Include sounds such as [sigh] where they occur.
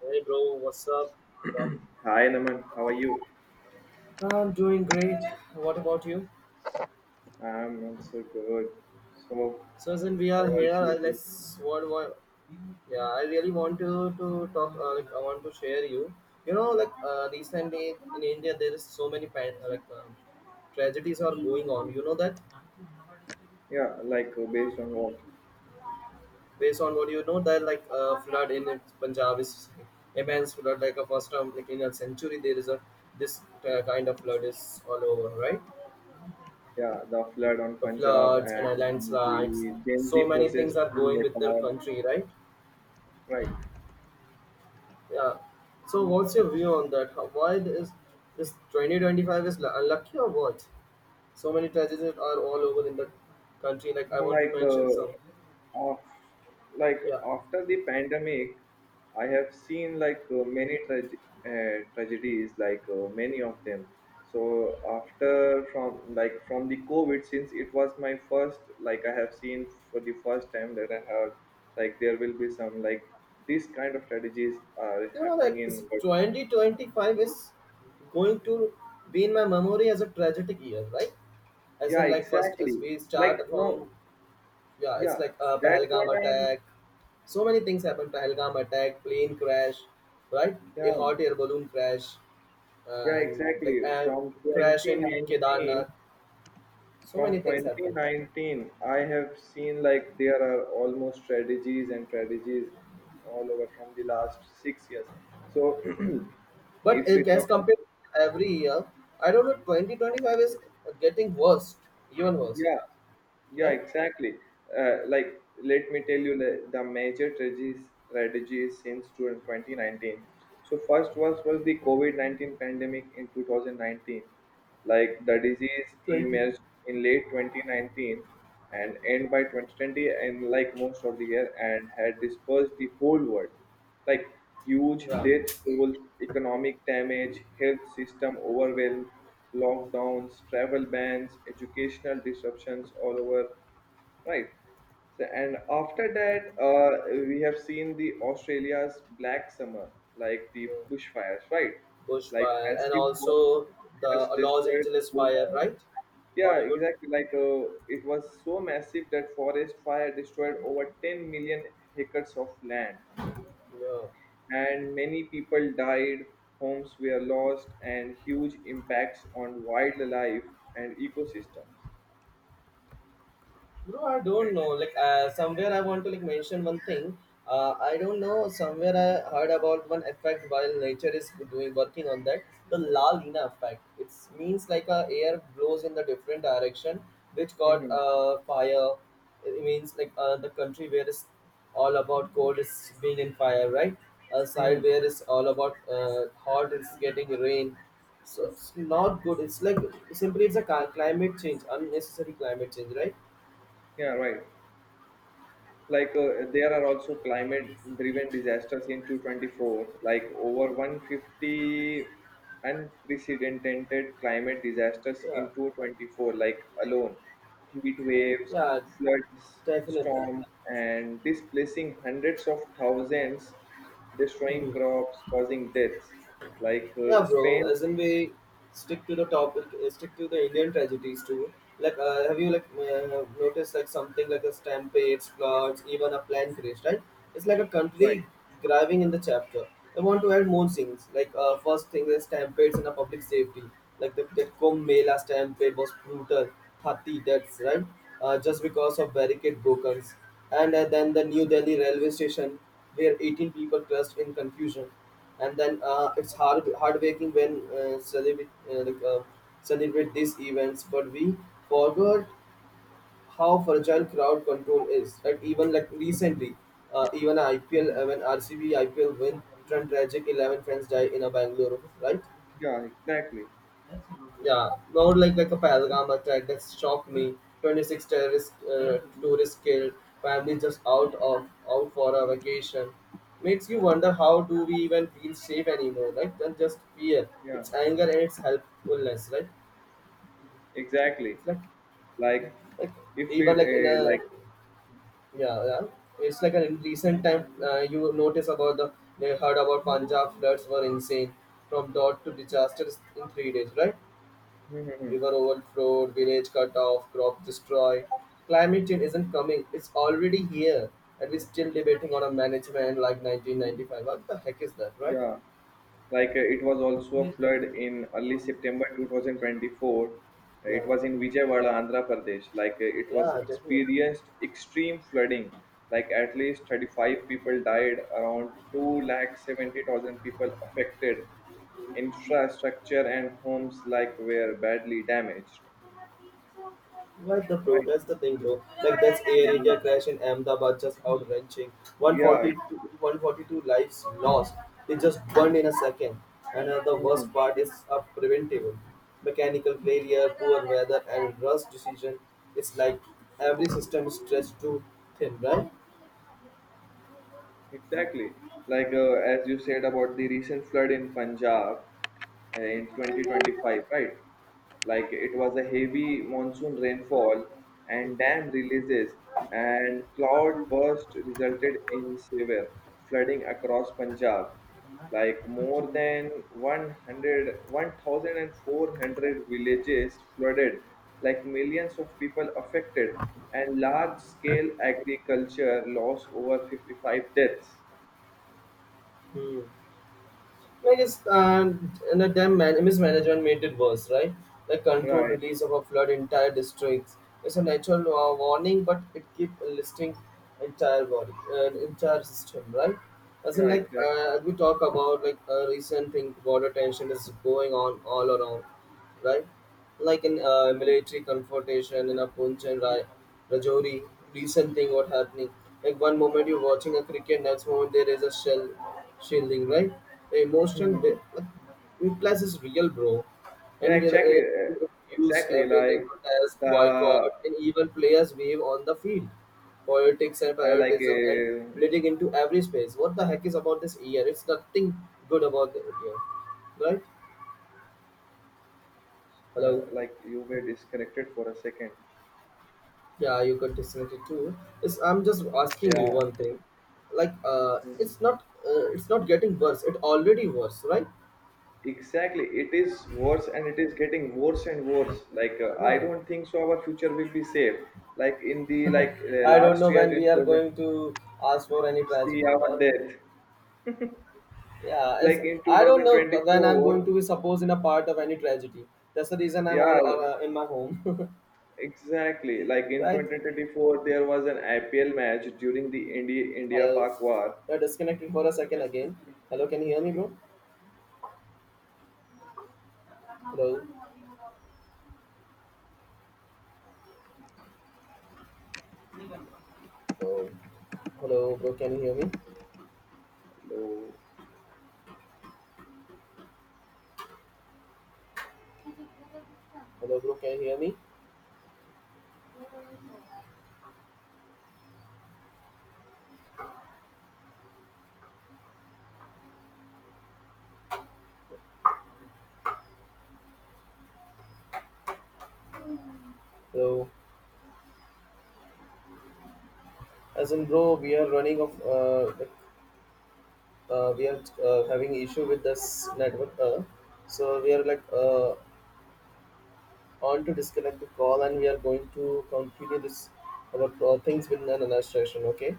Hey bro, what's up? Good up? Hi, Naman. How are you? I'm doing great. What about you? I'm also good. So, So since we how are was here, I your- let's what yeah, I really want to talk. Like I want to share you. You know, like Recently in India, there is so many pan, like tragedies are going on. You know that yeah, like based on what? based on what you know that like flood in Punjab is immense flood. Like a first time like in a century, there is a this kind of flood is all over, right? Yeah, the flood on The Punjab floods and and landslides. the Gen Z So many process things are in going with their Nepal, country, right? right? Yeah. So what's your view on that? How, why is this 2025 is unlucky or what? So many tragedies are all over in the country. Like I want to Like mention some. of like Yeah. after the pandemic, I have seen, like many tragedies, like many of them. So after from like from the COVID, since it was my first, like I have seen for the first time that I heard like there will be some, like these kind of strategies are happening in work. 2025 is going to be in my memory as a tragic year, right? As Yeah, in, like first, exactly. as we Like, start no. from yeah, it's Yeah, like a that's what Pahalgam I'm. attack. So many things happen: Pahalgam attack, plane crash, right? A Yeah. hot air balloon crash, Yeah, and like exactly. a From crash in 2019, Kedarnath. So many things from happen. 2019, I have seen like there are almost strategies and strategies all over from the last 6 years. So [clears throat] But if we it- as talk about. compared to every year, I don't know. 2025 is getting worse, even worse, Yeah, yeah, right? exactly. Like, let me tell you the major strategies since two 2019. So, first was the COVID 19 pandemic in 2019. Like, the disease Twenty. emerged in late 2019 and end by 2020, and like most of the year, and had dispersed the whole world, like huge Yeah, death tolls, economic damage, health system overwhelm, lockdowns, travel bans, educational disruptions all over, right? So, and after that, we have seen the Australia's black summer, like the yeah. bushfires, right? Like Bushfire and massive forest also fires the Los destroyed Angeles fire, over. right? Yeah, Hollywood. exactly. Like it was so massive that forest fire destroyed over 10 million acres of land, Yeah. and many people died, homes were lost, and huge impacts on wildlife and ecosystems. Bro, I don't know. Somewhere, I want to like mention one thing. I don't know. Somewhere I heard about one effect while nature is doing working on that. The La Nina effect. It means like a air blows in the different direction, which Right. got Hmm. Fire. It means like the country where it's all about cold is being in fire, right? A side Hmm. where it's all about hot is getting rain. So it's not good. It's like simply it's a climate change, unnecessary climate change, right? Yeah, right. Like there are also climate driven disasters in 224, like over 150 unprecedented climate disasters Yeah, in 224, like alone, heat waves, yeah, floods, definitely. storms, and displacing hundreds of thousands, destroying [laughs] crops, causing deaths, like Yeah, bro. Spain, As in, we stick to the topic, stick to the Indian tragedies too. Have you noticed like something like a stampede, floods, even a plane crash? Right? It's like a right. country driving in the chapter. I want to add more things. First thing is stampedes in a public safety. Like the that Kumbh Mela stampede was brutal, 30 deaths, right? Just because of barricade broken, and then the New Delhi railway station where 18 people crushed in confusion, and then it's hard heartbreaking when celebrate these events, but we forgot how fragile crowd control is. Like even like recently even IPL, Mhm. When RCB IPL win Trent tragic 11 fans die in a Bangalore, right? Yeah, exactly. Yeah, more like a Pahalgam attack that shocked me. 26 terrorist tourists killed. Families just out for a vacation. Makes you wonder how do we even feel safe anymore, right? Than just fear. Yeah, It's anger and it's helpfulness, right? exactly. It's Like, like if we even like in a like [laughs] yeah, yeah. It's like in recent time you notice about the they heard about Punjab floods were insane from dot to disaster in 3 days, right? Mhm, mhm. River overflowed, village cut off, crop destroyed. Climate change isn't coming, it's already here. And we're still debating on a management like 1995. What the heck is that, right? Yeah, like it was also a flood in early September 2024. Yeah. It was in Vijayawada, Andhra Pradesh. Like it was Yeah, definitely. experienced extreme flooding. Like, at least 35 people died, around 2,70,000 people affected. Infrastructure and homes, like, were badly damaged. What the Right. protest? The thing, bro. Like that's Air India crash in Ahmedabad, just out wrenching. Yeah. 142, 142 lives lost. They just burned in a second. And the worst Mhm. part is preventable. Mechanical failure, poor weather, and rush decision. It's like every system is stretched too thin, right? Exactly. Like as you said about the recent flood in Punjab, in 2025, right? Like it was a heavy monsoon rainfall and Mhm. dam releases and cloud burst resulted in severe flooding across Punjab, like more than 100, 1,400 villages flooded, like millions of people affected and large scale agriculture loss, over 55 deaths, Hmm. I guess and the damn man, mismanagement made it worse, right? Like controlled right. release of a flood entire districts. It's a natural warning, but it keep listing entire body, entire system, right? As in, Yeah, exactly. We talk about, like a recent thing, border tension is going on all around, right? Like in Mhm. military confrontation in a Rajouri, recent thing what happening. Like one moment you're watching a cricket, next moment there is a shell shielding, right? The emotion be- Mhm. like, implies is real, bro. Yeah, And we exactly. Uh, use exactly everything like as boycott the and even players wave on the field. Politics and uh, like patriotism and uh, bleeding into every space. What the heck is about this year? It's nothing good about the year, right? Hello. like you were disconnected for a second. Yeah, you got disconnected too. It's, I'm just asking you Yeah. one thing. Mhm. It's not, it's not getting worse. It already worse, right? Exactly, it is worse and it is getting worse and worse. Like I Yeah. don't think so our future will be safe. Like in the, like I don't last know year when in we are 2000, going to ask for any see tragedy, our right? death. Yeah. Like It's. in I don't know when I'm going 2024, to be supposed in a part of any tragedy. That's the reason I'm all yeah, in my home. [laughs] exactly. Like in Right? 2024, there was an IPL match during the India Hello. Pak war. You're disconnected for a second again. Hello, can you hear me, bro? Hello. Oh. Hello, bro. Can you hear me? No. Hello, bro. Can you hear me? Hello. As in, bro, we are running of we are having issue with this network, so we are on to disconnect the call, and we are going to continue this our things with another session, okay?